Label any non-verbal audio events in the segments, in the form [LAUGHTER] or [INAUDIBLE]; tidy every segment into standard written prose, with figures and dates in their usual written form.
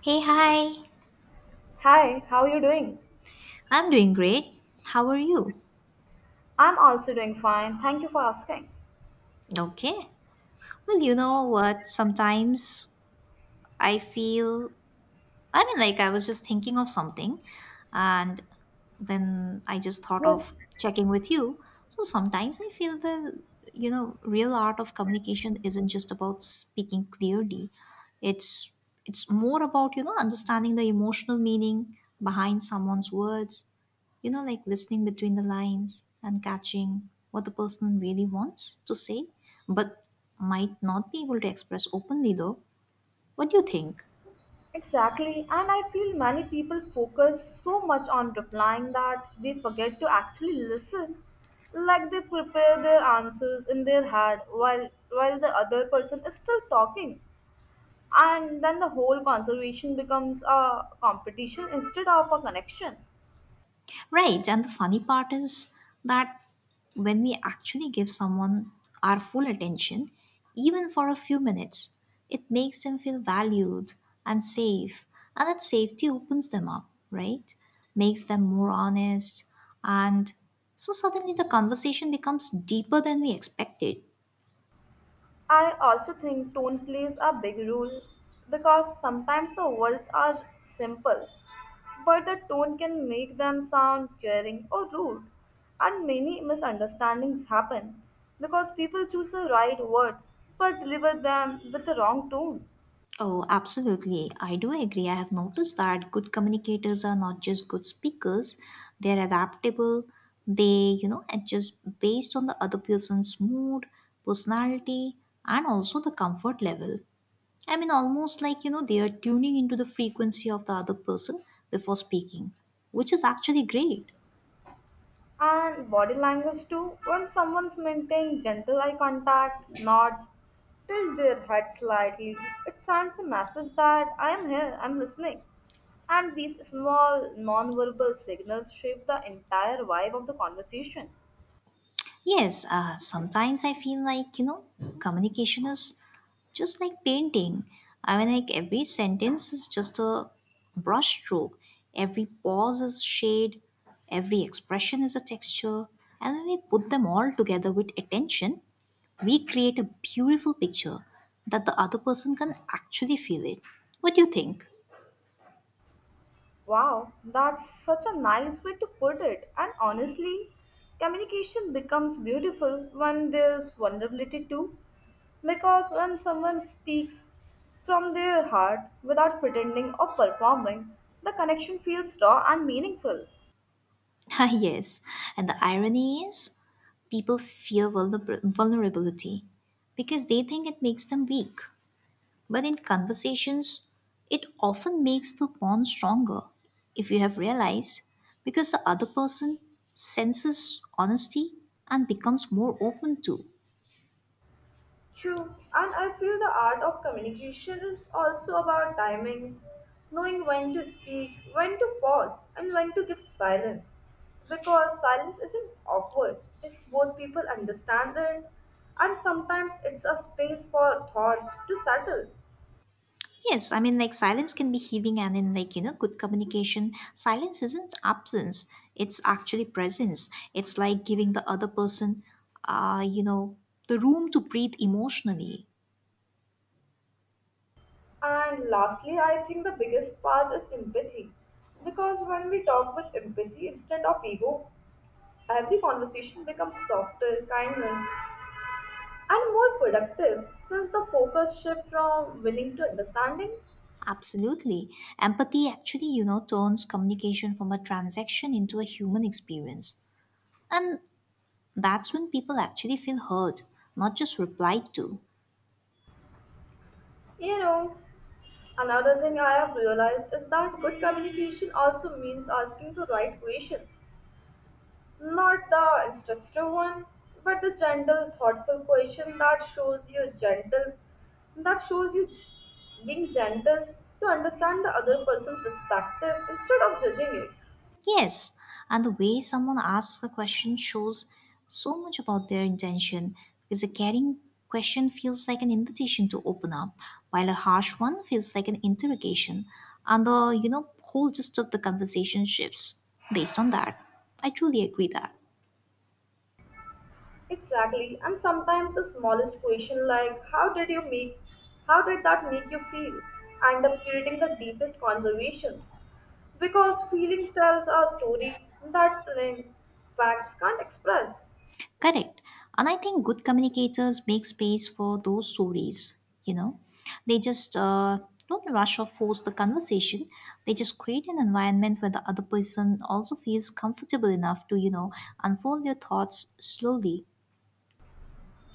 Hey, hi. Hi, how are you doing? I'm doing great. How are you? I'm also doing fine. Thank you for asking. Okay. Well, you know what? Sometimes I feel I mean, like, I was just thinking of something, and then I just thought Yes, of checking with you. So sometimes I feel the real art of communication isn't just about speaking clearly. It's it's more about, you know, understanding the emotional meaning behind someone's words, you know, like listening between the lines and catching what the person really wants to say, but might not be able to express openly though. What do you think? exactly. And I feel many people focus so much on replying that they forget to actually listen. Like they prepare their answers in their head while the other person is still talking. And then the whole conversation becomes a competition instead of a connection. Right, and the funny part is that when we actually give someone our full attention, even for a few minutes, it makes them feel valued and safe, and that safety opens them up, right? Makes them more honest, and so suddenly the conversation becomes deeper than we expected. I also think tone plays a big role because sometimes the words are simple, but the tone can make them sound caring or rude, and many misunderstandings happen because people choose the right words but deliver them with the wrong tone. Oh, absolutely. I do agree. I have noticed that good communicators are not just good speakers, they're adaptable. They, you know, adjust based on the other person's mood, personality, and also the comfort level. I mean, almost like, you know, they are tuning into the frequency of the other person before speaking, which is actually great. And body language too, when someone's maintaining gentle eye contact, nods, tilt their head slightly, it sends a message that I am here, I'm listening. And these small non-verbal signals shape the entire vibe of the conversation. Yes, sometimes I feel like, you know, communication is just like painting. I mean, like every sentence is just a brush stroke, every pause is shade, every expression is a texture. And when we put them all together with attention, we create a beautiful picture that the other person can actually feel it. What do you think? Wow, that's such a nice way to put it. And honestly, communication becomes beautiful when there's vulnerability too. Because when someone speaks from their heart without pretending or performing, the connection feels raw and meaningful. [LAUGHS] Ah, yes, and the irony is people fear vulnerability because they think it makes them weak. But in conversations, it often makes the bond stronger, if you have realized, because the other person senses honesty and becomes more open to. True, and I feel the art of communication is also about timings, knowing when to speak, when to pause, and when to give silence. Because silence isn't awkward if both people understand it, and sometimes it's a space for thoughts to settle. Yes, I mean, like silence can be healing, and in like you know, good communication, silence isn't absence; it's actually presence. It's like giving the other person, you know, the room to breathe emotionally. And lastly, I think the biggest part is empathy. Because when we talk with empathy instead of ego, every conversation becomes softer, kinder, and more productive since the focus shift from willing to understanding. Absolutely, empathy actually, you know, turns communication from a transaction into a human experience, and that's when people actually feel heard, not just replied to. You know, another thing I have realized is that good communication also means asking the right questions, not the instructive one, but the gentle, thoughtful question that shows you gentle, that shows you being gentle to understand the other person's perspective instead of judging it. Yes, and the way someone asks a question shows so much about their intention because a caring question feels like an invitation to open up, while a harsh one feels like an interrogation, and the you know whole gist of the conversation shifts based on that. I truly agree that. Exactly. And sometimes the smallest question like how did that make you feel end up creating the deepest conversations. Because feelings tells a story that plain facts can't express. Correct. And I think good communicators make space for those stories, you know. They just don't rush or force the conversation. They just create an environment where the other person also feels comfortable enough to, you know, unfold their thoughts slowly.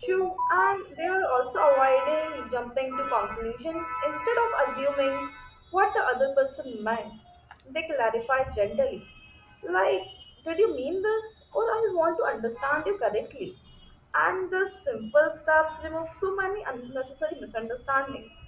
True, and they are also avoiding jumping to conclusion instead of assuming what the other person meant. They clarify gently, like, "Did you mean this?" or "I want to understand you correctly." And the simple steps remove so many unnecessary misunderstandings.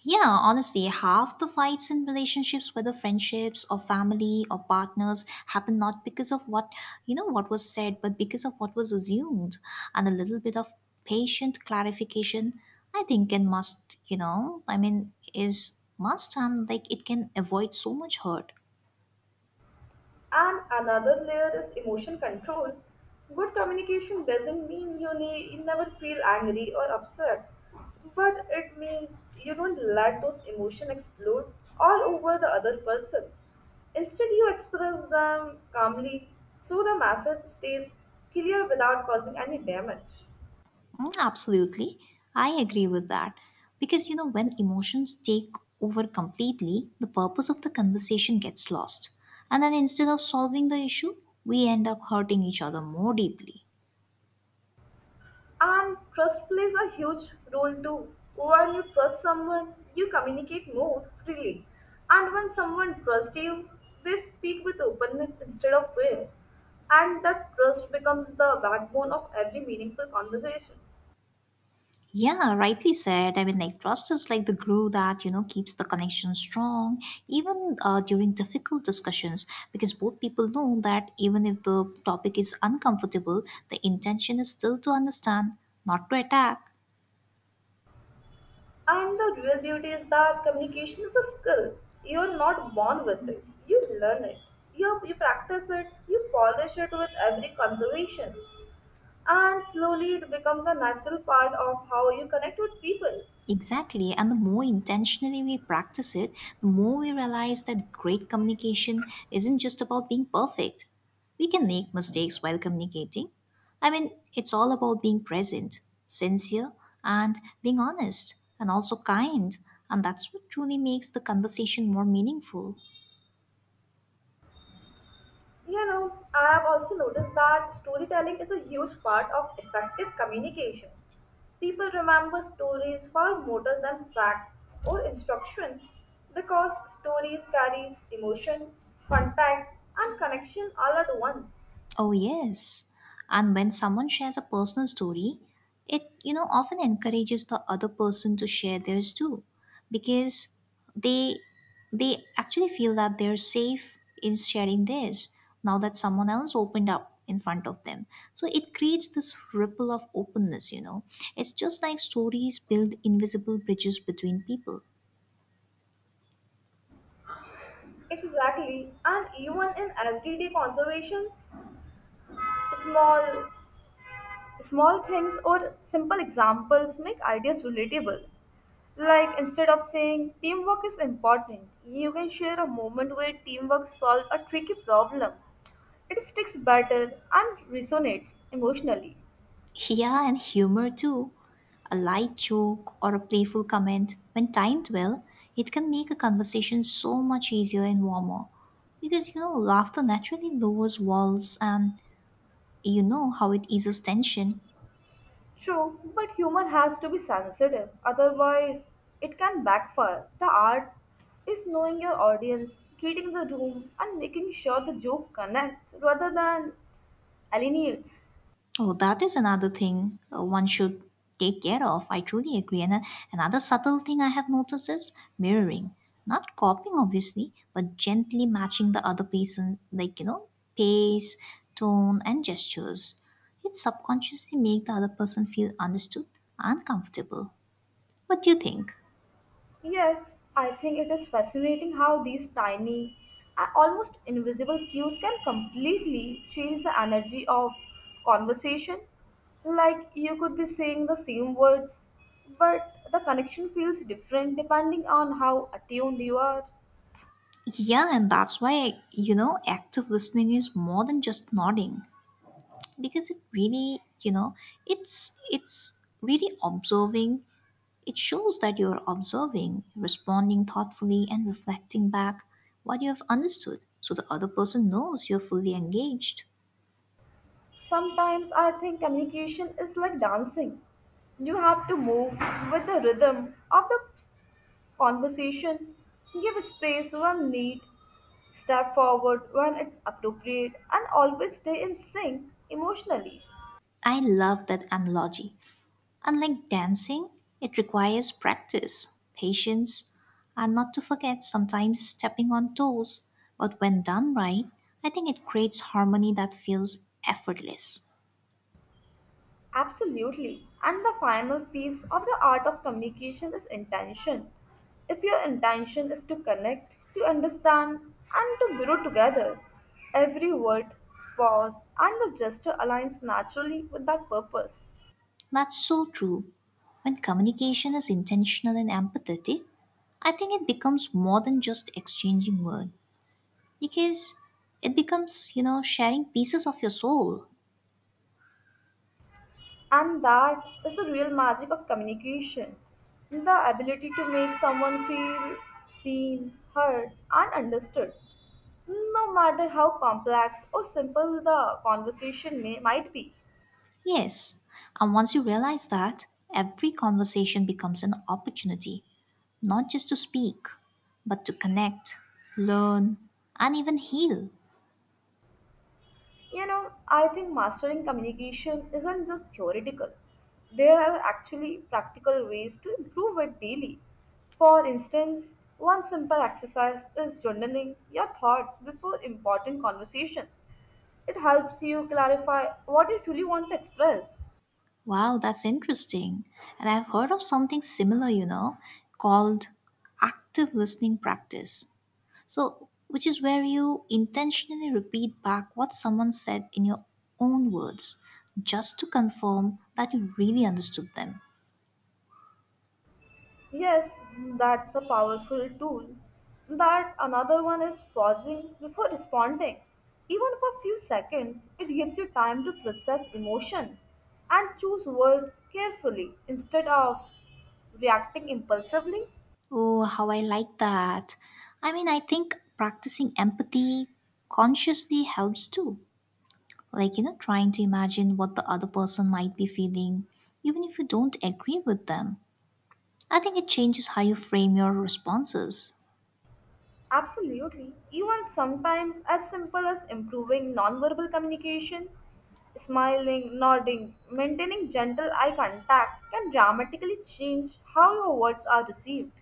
Yeah, honestly, half the fights in relationships, whether friendships or family or partners, happen not because of what you know what was said, but because of what was assumed. And a little bit of patient clarification, I think, can must you know, I mean, is must and like it can avoid so much hurt. And another layer is emotion control. Good communication doesn't mean you never feel angry or upset, but it means you don't let those emotions explode all over the other person. Instead, you express them calmly so the message stays clear without causing any damage. Mm, absolutely. I agree with that. Because, you know, when emotions take over completely, the purpose of the conversation gets lost. And then instead of solving the issue, we end up hurting each other more deeply. And trust plays a huge role too. When you trust someone, you communicate more freely. And when someone trusts you, they speak with openness instead of fear. And that trust becomes the backbone of every meaningful conversation. Yeah, rightly said. I mean, like, trust is like the glue that, you know, keeps the connection strong, even during difficult discussions, because both people know that even if the topic is uncomfortable, the intention is still to understand, not to attack. And the real beauty is that communication is a skill. You are not born with it, you learn it. You practice it, you polish it with every conversation. And slowly it becomes a natural part of how you connect with people. Exactly. And the more intentionally we practice it, the more we realize that great communication isn't just about being perfect. We can make mistakes while communicating. I mean, it's all about being present, sincere, and being honest, and also kind. And that's what truly makes the conversation more meaningful. You know, I have also noticed that storytelling is a huge part of effective communication. People remember stories far more than facts or instruction because stories carries emotion, context and connection all at once. Oh yes. And when someone shares a personal story, it you know often encourages the other person to share theirs too because they they actually feel that they're safe in sharing theirs now that someone else opened up in front of them. So it creates this ripple of openness, you know. It's just like stories build invisible bridges between people. Exactly, and even in everyday conversations, small small things or simple examples make ideas relatable. Like instead of saying teamwork is important, you can share a moment where teamwork solved a tricky problem. It sticks better and resonates emotionally. Yeah, and humor too. A light joke or a playful comment, when timed well, it can make a conversation so much easier and warmer. Because you know, laughter naturally lowers walls and you know how it eases tension. True, but humor has to be sensitive, otherwise, it can backfire. The art is knowing your audience, treating the room, and making sure the joke connects rather than alienates. Oh, that is another thing one should take care of. I truly agree. And another subtle thing I have noticed is mirroring. Not copying, obviously, but gently matching the other person, like, you know, pace, tone, and gestures. It subconsciously make the other person feel understood and comfortable. What do you think? Yes, I think it is fascinating how these tiny, almost invisible cues can completely change the energy of conversation. Like you could be saying the same words, but the connection feels different depending on how attuned you are. Yeah, and that's why, you know, active listening is more than just nodding because it really, you know, it's really observing. It shows that you are observing, responding thoughtfully, and reflecting back what you have understood so the other person knows you're fully engaged. Sometimes I think communication is like dancing. You have to move with the rhythm of the conversation, give space when need, step forward when it's appropriate, and always stay in sync emotionally. I love that analogy. Unlike dancing, it requires practice, patience, and not to forget sometimes stepping on toes. But when done right, I think it creates harmony that feels effortless. Absolutely. And the final piece of the art of communication is intention. If your intention is to connect, to understand, and to grow together, every word, pause, and the gesture aligns naturally with that purpose. That's so true. When communication is intentional and empathetic, I think it becomes more than just exchanging words because it becomes, you know, sharing pieces of your soul. And that is the real magic of communication, the ability to make someone feel seen, heard, and understood. No matter how complex or simple the conversation might be. Yes, and once you realize that, every conversation becomes an opportunity, not just to speak, but to connect, learn, and even heal. You know, I think mastering communication isn't just theoretical. There are actually practical ways to improve it daily. For instance, one simple exercise is journaling your thoughts before important conversations. It helps you clarify what you truly want to express. Wow, that's interesting. And I've heard of something similar, you know, called active listening practice. So, which is where you intentionally repeat back what someone said in your own words, just to confirm that you really understood them. Yes, that's a powerful tool. That another one is pausing before responding. Even for a few seconds, it gives you time to process emotion and choose word carefully instead of reacting impulsively. Oh, how I like that. I mean, I think practicing empathy consciously helps too. Like, you know, trying to imagine what the other person might be feeling, even if you don't agree with them. I think it changes how you frame your responses. Absolutely. Even sometimes as simple as improving nonverbal communication, smiling, nodding, maintaining gentle eye contact can dramatically change how your words are received.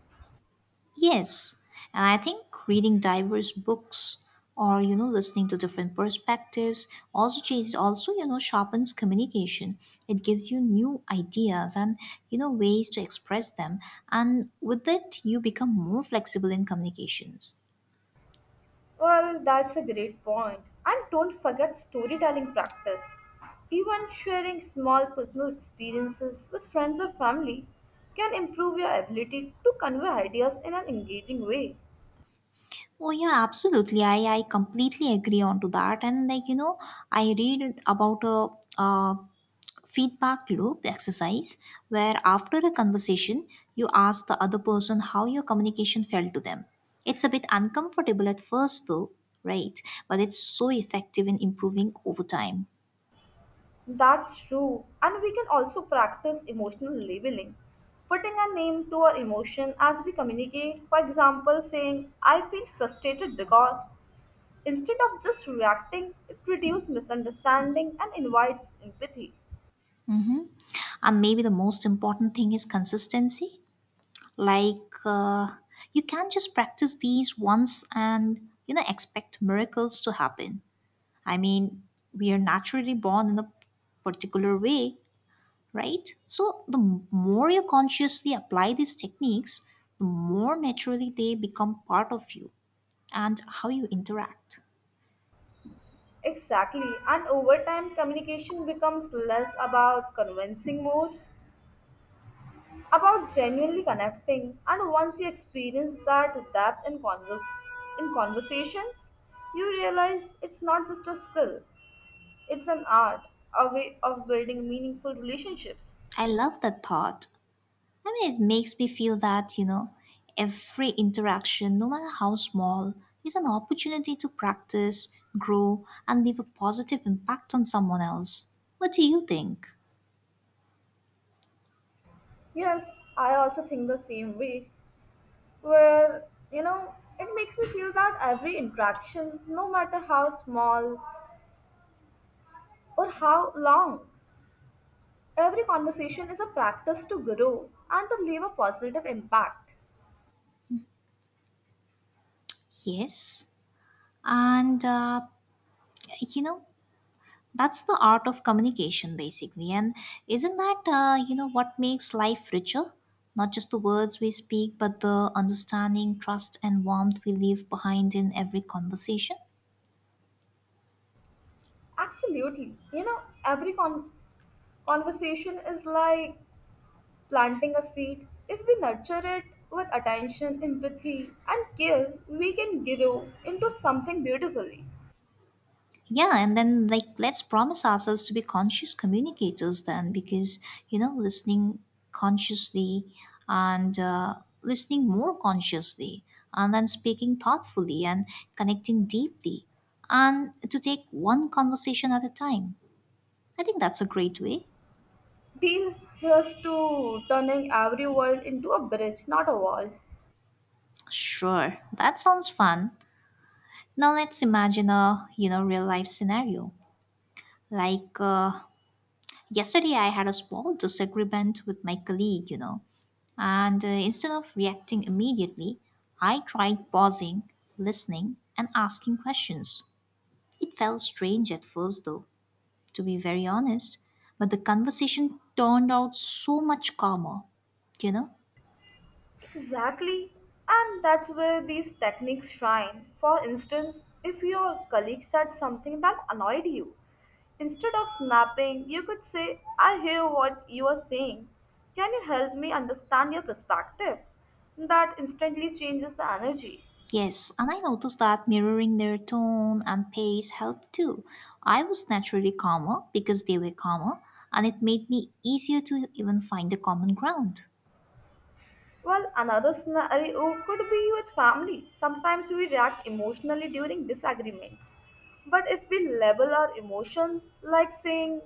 Yes, and I think reading diverse books or you know listening to different perspectives also changes also you know sharpens communication. It gives you new ideas and you know ways to express them, and with it you become more flexible in communications. Well, that's a great point. And don't forget storytelling practice. Even sharing small personal experiences with friends or family can improve your ability to convey ideas in an engaging way. Oh yeah, absolutely. I completely agree on to that. And like you know, I read about a, uh feedback loop exercise where after a conversation you ask the other person how your communication felt to them. It's a bit uncomfortable at first though, right? But it's so effective in improving over time. That's true. And we can also practice emotional labeling, putting a name to our emotion as we communicate. For example, saying, I feel frustrated because, instead of just reacting, it reduces misunderstanding and invites empathy. And maybe the most important thing is consistency. Like you can't just practice these once and you know expect miracles to happen. I mean, we are naturally born in a particular way, right? So, the more you consciously apply these techniques, the more naturally they become part of you and how you interact. Exactly. And over time, communication becomes less about convincing more, about genuinely connecting. And once you experience that depth in conversations, you realize it's not just a skill, it's an art, a way of building meaningful relationships. I love that thought. I mean, it makes me feel that, you know, every interaction, no matter how small, is an opportunity to practice, grow, and leave a positive impact on someone else. What do you think? Yes, I also think the same way. Where, you know, it makes me feel that every interaction, no matter how small or how long, every conversation is a practice to grow and to leave a positive impact. Yes. And, you know, that's the art of communication, basically. And isn't that, you know, what makes life richer? Not just the words we speak, but the understanding, trust, and warmth we leave behind in every conversation. Absolutely. You know, conversation is like planting a seed. If we nurture it with attention, empathy, and care, we can grow into something beautifully. Yeah, and then like let's promise ourselves to be conscious communicators then, because you know, consciously and uh, listening more consciously, and then speaking thoughtfully and connecting deeply, and to take one conversation at a time. I think that's a great way. Deal, here's to turning every world into a bridge, not a wall. Sure, that sounds fun. Now let's imagine a you know real life scenario. Like yesterday, I had a small disagreement with my colleague. You know, and instead of reacting immediately, I tried pausing, listening, and asking questions. It felt strange at first, though, to be very honest. But the conversation turned out so much calmer. You know, Exactly. And that's where these techniques shine. For instance, if your colleague said something that annoyed you, instead of snapping, you could say, I hear what you are saying. Can you help me understand your perspective? That instantly changes the energy. yes, and I noticed that mirroring their tone and pace helped too. I was naturally calmer because they were calmer, and it made me easier to even find the common ground. Well, another scenario could be with family. Sometimes we react emotionally during disagreements. But if we label our emotions like saying,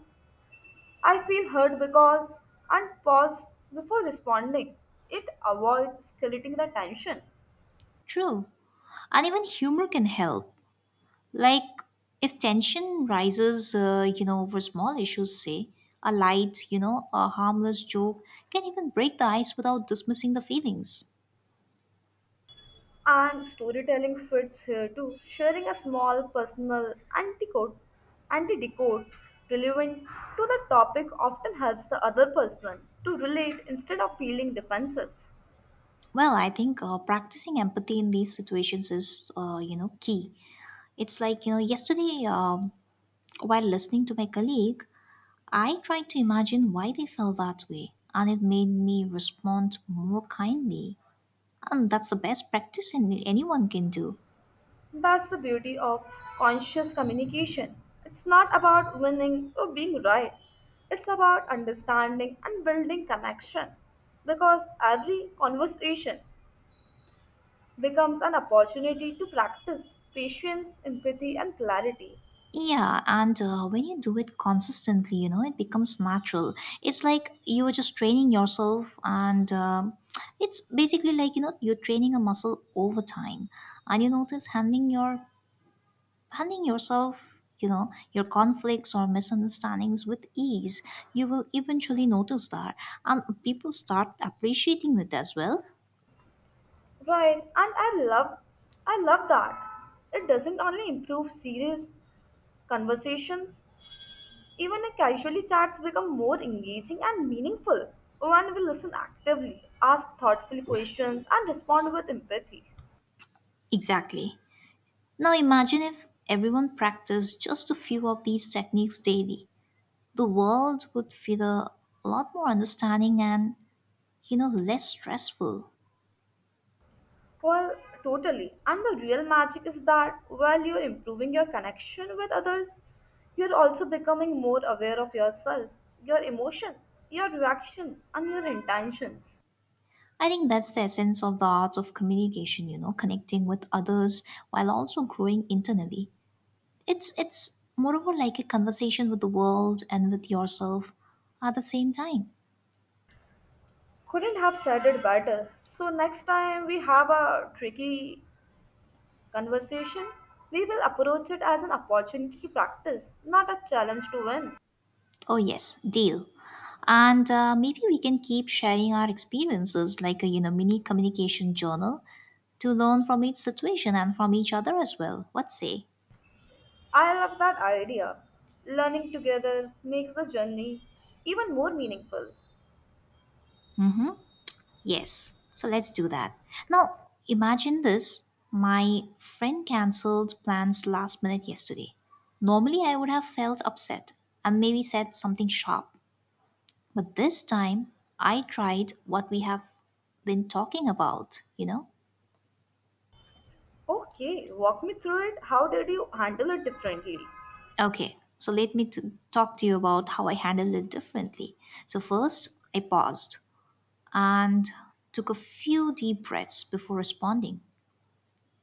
I feel hurt because and pause before responding. It avoids escalating the tension. True. And even humor can help. Like, if tension rises, you know, over small issues, say, a light, you know, a harmless joke can even break the ice without dismissing the feelings. And storytelling fits here too. Sharing a small personal antidote relevant to the topic often helps the other person to relate instead of feeling defensive. Well, I think practicing empathy in these situations is, you know, key. It's like, you know, yesterday, while listening to my colleague, I tried to imagine why they felt that way, and it made me respond more kindly. And that's the best practice anyone can do. That's the beauty of conscious communication. It's not about winning or being right. It's about understanding and building connection. Because every conversation becomes an opportunity to practice patience, empathy and clarity. Yeah, and when you do it consistently, you know, it becomes natural. It's like you are just training yourself, and it's basically like, you know, you're training a muscle over time. And you notice handling yourself, your conflicts or misunderstandings with ease. You will eventually notice that, and people start appreciating it as well. Right, and I love that. It doesn't only improve serious conversations, even a casually chats become more engaging and meaningful when we listen actively, ask thoughtful questions, and respond with empathy. Exactly. Now imagine if everyone practiced just a few of these techniques daily. The world would feel a lot more understanding and, less stressful. Well, totally. And the real magic is that while you're improving your connection with others, you're also becoming more aware of yourself, your emotions, your reaction, and your intentions. I think that's the essence of the art of communication, connecting with others while also growing internally. It's moreover like a conversation with the world and with yourself at the same time. Couldn't have said it better. So, next time we have a tricky conversation, we will approach it as an opportunity to practice, not a challenge to win. Oh yes, deal. And maybe we can keep sharing our experiences like a mini communication journal to learn from each situation and from each other as well. What say? I love that idea. Learning together makes the journey even more meaningful. Yes. So let's do that. Now imagine this. My friend cancelled plans last minute yesterday. Normally I would have felt upset and maybe said something sharp. But this time, I tried what we have been talking about, you know? Okay, walk me through it. How did you handle it differently? Okay, so let me to talk to you about how I handled it differently. So, first, I paused and took a few deep breaths before responding,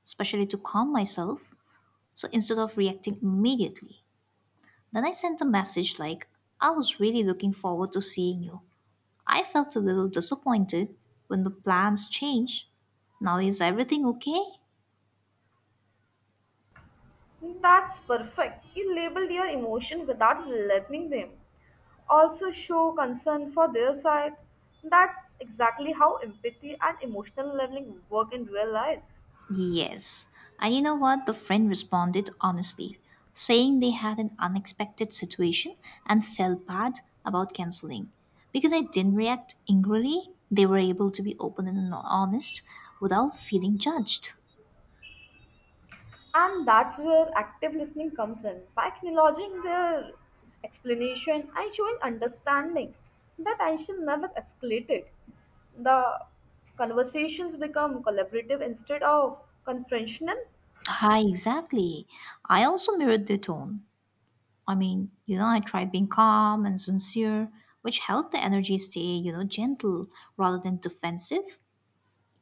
especially to calm myself. So, instead of reacting immediately, then I sent a message like, I was really looking forward to seeing you. I felt a little disappointed when the plans changed. Now, is everything okay? That's perfect. You labeled your emotion without labeling them. Also, show concern for their side. That's exactly how empathy and emotional leveling work in real life. Yes. And you know what? The friend responded honestly, saying they had an unexpected situation and felt bad about canceling. Because I didn't react angrily, they were able to be open and honest without feeling judged. And that's where active listening comes in. By acknowledging their explanation and showing understanding, the tension never escalated. The conversations become collaborative instead of confrontational. Hi, exactly. I also mirrored their tone. I mean, I tried being calm and sincere, which helped the energy stay, gentle rather than defensive.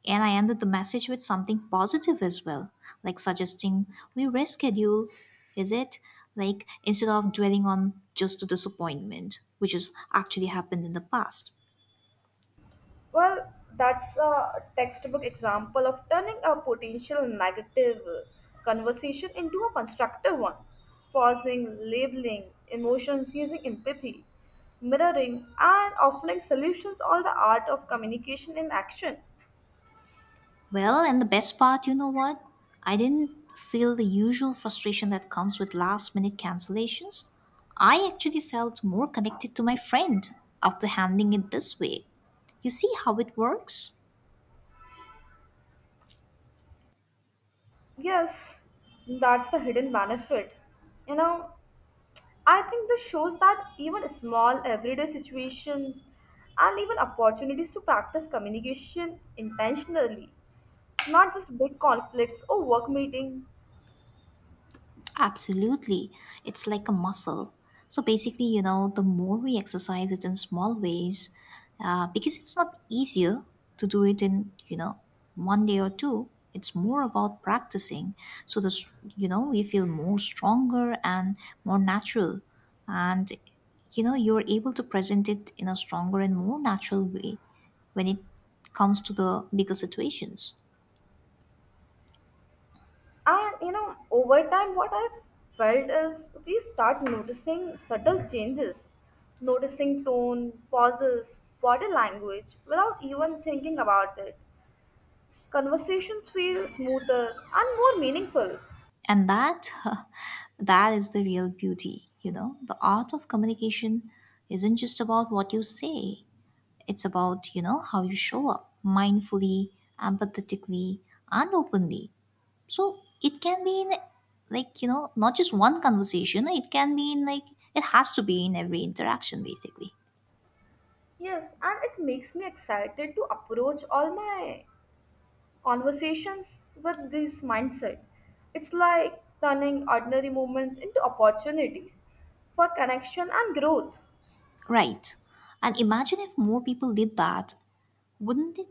And I ended the message with something positive as well, like suggesting we reschedule, is it? Like instead of dwelling on just the disappointment, which has actually happened in the past. Well, that's a textbook example of turning a potential negative conversation into a constructive one. Pausing, labeling, emotions using empathy, mirroring, and offering solutions all the art of communication in action. Well, and the best part, you know what? I didn't feel the usual frustration that comes with last minute cancellations. I actually felt more connected to my friend after handling it this way. You see how it works? Yes, that's the hidden benefit. You know, I think this shows that even small everyday situations and even opportunities to practice communication intentionally, not just big conflicts or work meeting. Absolutely. It's like a muscle. So basically, the more we exercise it in small ways, because it's not easier to do it in, one day or two. It's more about practicing. So, the, s- you know, we feel more stronger and more natural. And, you're able to present it in a stronger and more natural way when it comes to the bigger situations. And you know, over time what I've felt is we start noticing subtle changes, noticing tone, pauses, body language without even thinking about it. Conversations feel smoother and more meaningful. And that [LAUGHS] that is the real beauty, the art of communication isn't just about what you say. It's about, how you show up mindfully, empathetically, and openly. So it can be in, like, not just one conversation. It has to be in every interaction basically. Yes, and it makes me excited to approach all my conversations with this mindset. It's like turning ordinary moments into opportunities for connection and growth. Right. And imagine if more people did that. Wouldn't it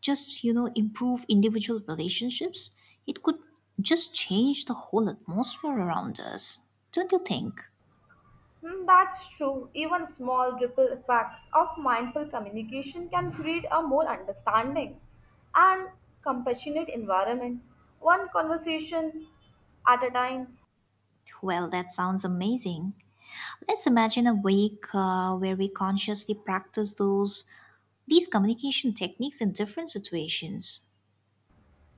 just, improve individual relationships? It could just change the whole atmosphere around us, don't you think? Hmm, that's true. Even small ripple effects of mindful communication can create a more understanding and compassionate environment. One conversation at a time. Well, that sounds amazing. Let's imagine a week, where we consciously practice those these communication techniques in different situations.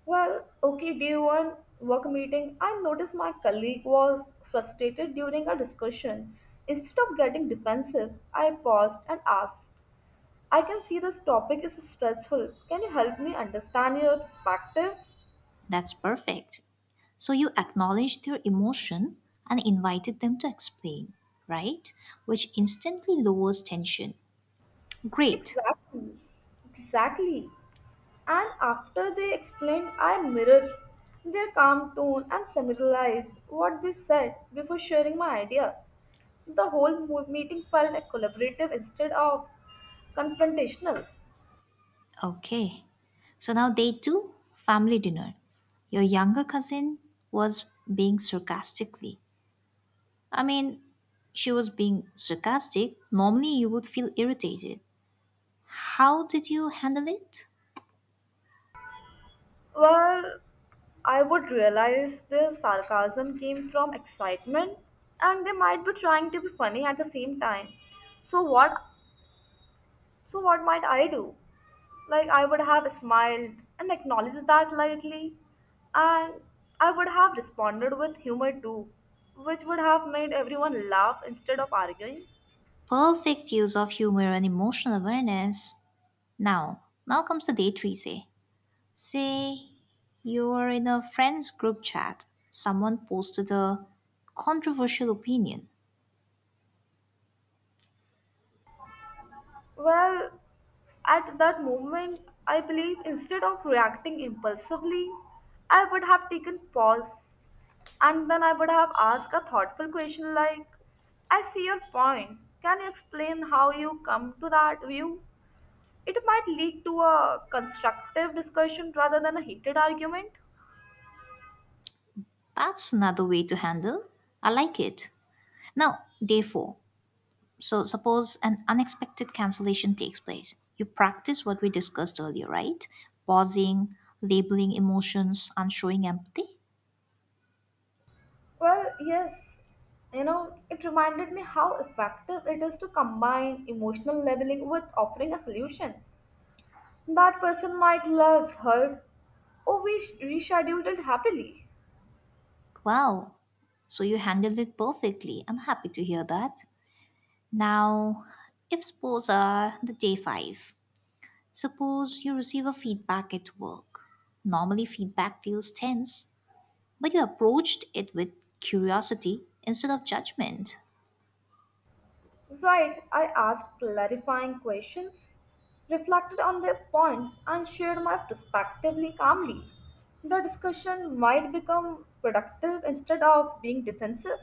Well, okay, day one, work meeting, I noticed my colleague was frustrated during our discussion. Instead of getting defensive, I paused and asked, I can see this topic is stressful. Can you help me understand your perspective? That's perfect. So you acknowledged their emotion and invited them to explain, right? Which instantly lowers tension. Great. Exactly. Exactly. And after they explained, I mirrored their calm tone and summarized what they said before sharing my ideas. The whole meeting felt like collaborative instead of confrontational. Okay. So now day two, family dinner. Your younger cousin was being sarcastically. I mean, she was being sarcastic. Normally, you would feel irritated. How did you handle it? Well, I would realize their sarcasm came from excitement and they might be trying to be funny at the same time. So what so what might I do? Like I would have smiled and acknowledged that lightly, and I would have responded with humor too, which would have made everyone laugh instead of arguing. Perfect use of humor and emotional awareness. Now, now comes the day three. Say, you are in a friend's group chat. Someone posted a controversial opinion. Well, at that moment, I believe instead of reacting impulsively, I would have taken pause and then I would have asked a thoughtful question like, I see your point. Can you explain how you come to that view? It might lead to a constructive discussion rather than a heated argument. That's another way to handle. I like it. Now, day four. So, suppose an unexpected cancellation takes place. You practice what we discussed earlier, right? Pausing, labeling emotions, and showing empathy. Well, yes, you know, it reminded me how effective it is to combine emotional labeling with offering a solution. That person might love heard, or we rescheduled it happily. Wow. So, you handled it perfectly. I'm happy to hear that. Now, if suppose the day five, suppose you receive a feedback at work. Normally, feedback feels tense, but you approached it with curiosity instead of judgment. Right, I asked clarifying questions, reflected on their points, and shared my perspective calmly. The discussion might become productive instead of being defensive.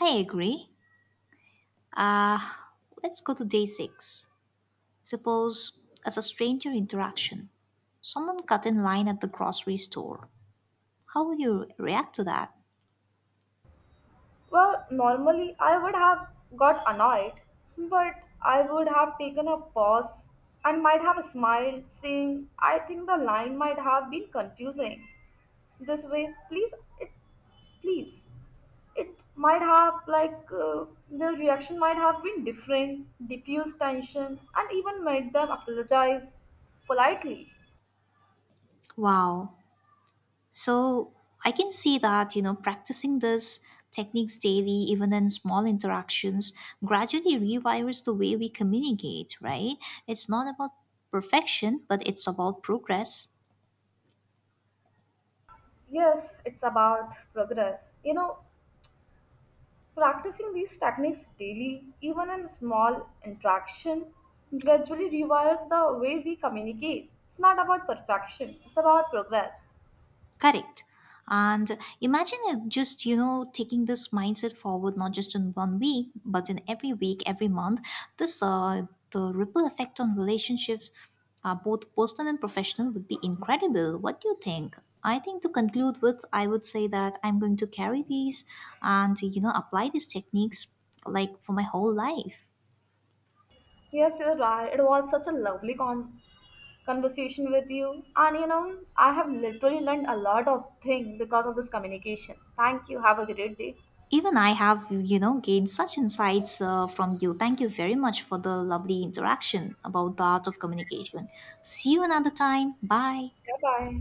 I agree. Uh, let's go to day six. Suppose as a stranger interaction, someone cut in line at the grocery store. How would you react to that? Well, normally I would have got annoyed, but I would have taken a pause and might have smiled, saying, I think the line might have been confusing. This way, please, it, please. It might have, like, the reaction might have been different, diffused tension, and even made them apologize politely. Wow. So I can see that, practicing this techniques daily, even in small interactions, gradually rewires the way we communicate, right? It's not about perfection, but it's about progress. Yes, it's about progress. You know, practicing these techniques daily, even in small interaction, gradually rewires the way we communicate. It's not about perfection, it's about progress. Correct. And imagine it just, taking this mindset forward, not just in one week, but in every week, every month. This, uh, the ripple effect on relationships, both personal and professional, would be incredible. What do you think? I think to conclude with, I would say that I'm going to carry these and, apply these techniques like for my whole life. Yes, you're right. It was such a lovely conversation with you. And you know, I have literally learned a lot of things because of this communication. Thank you. Have a great day. Even I have, gained such insights from you. Thank you very much for the lovely interaction about the art of communication. See you another time. Bye. Bye bye.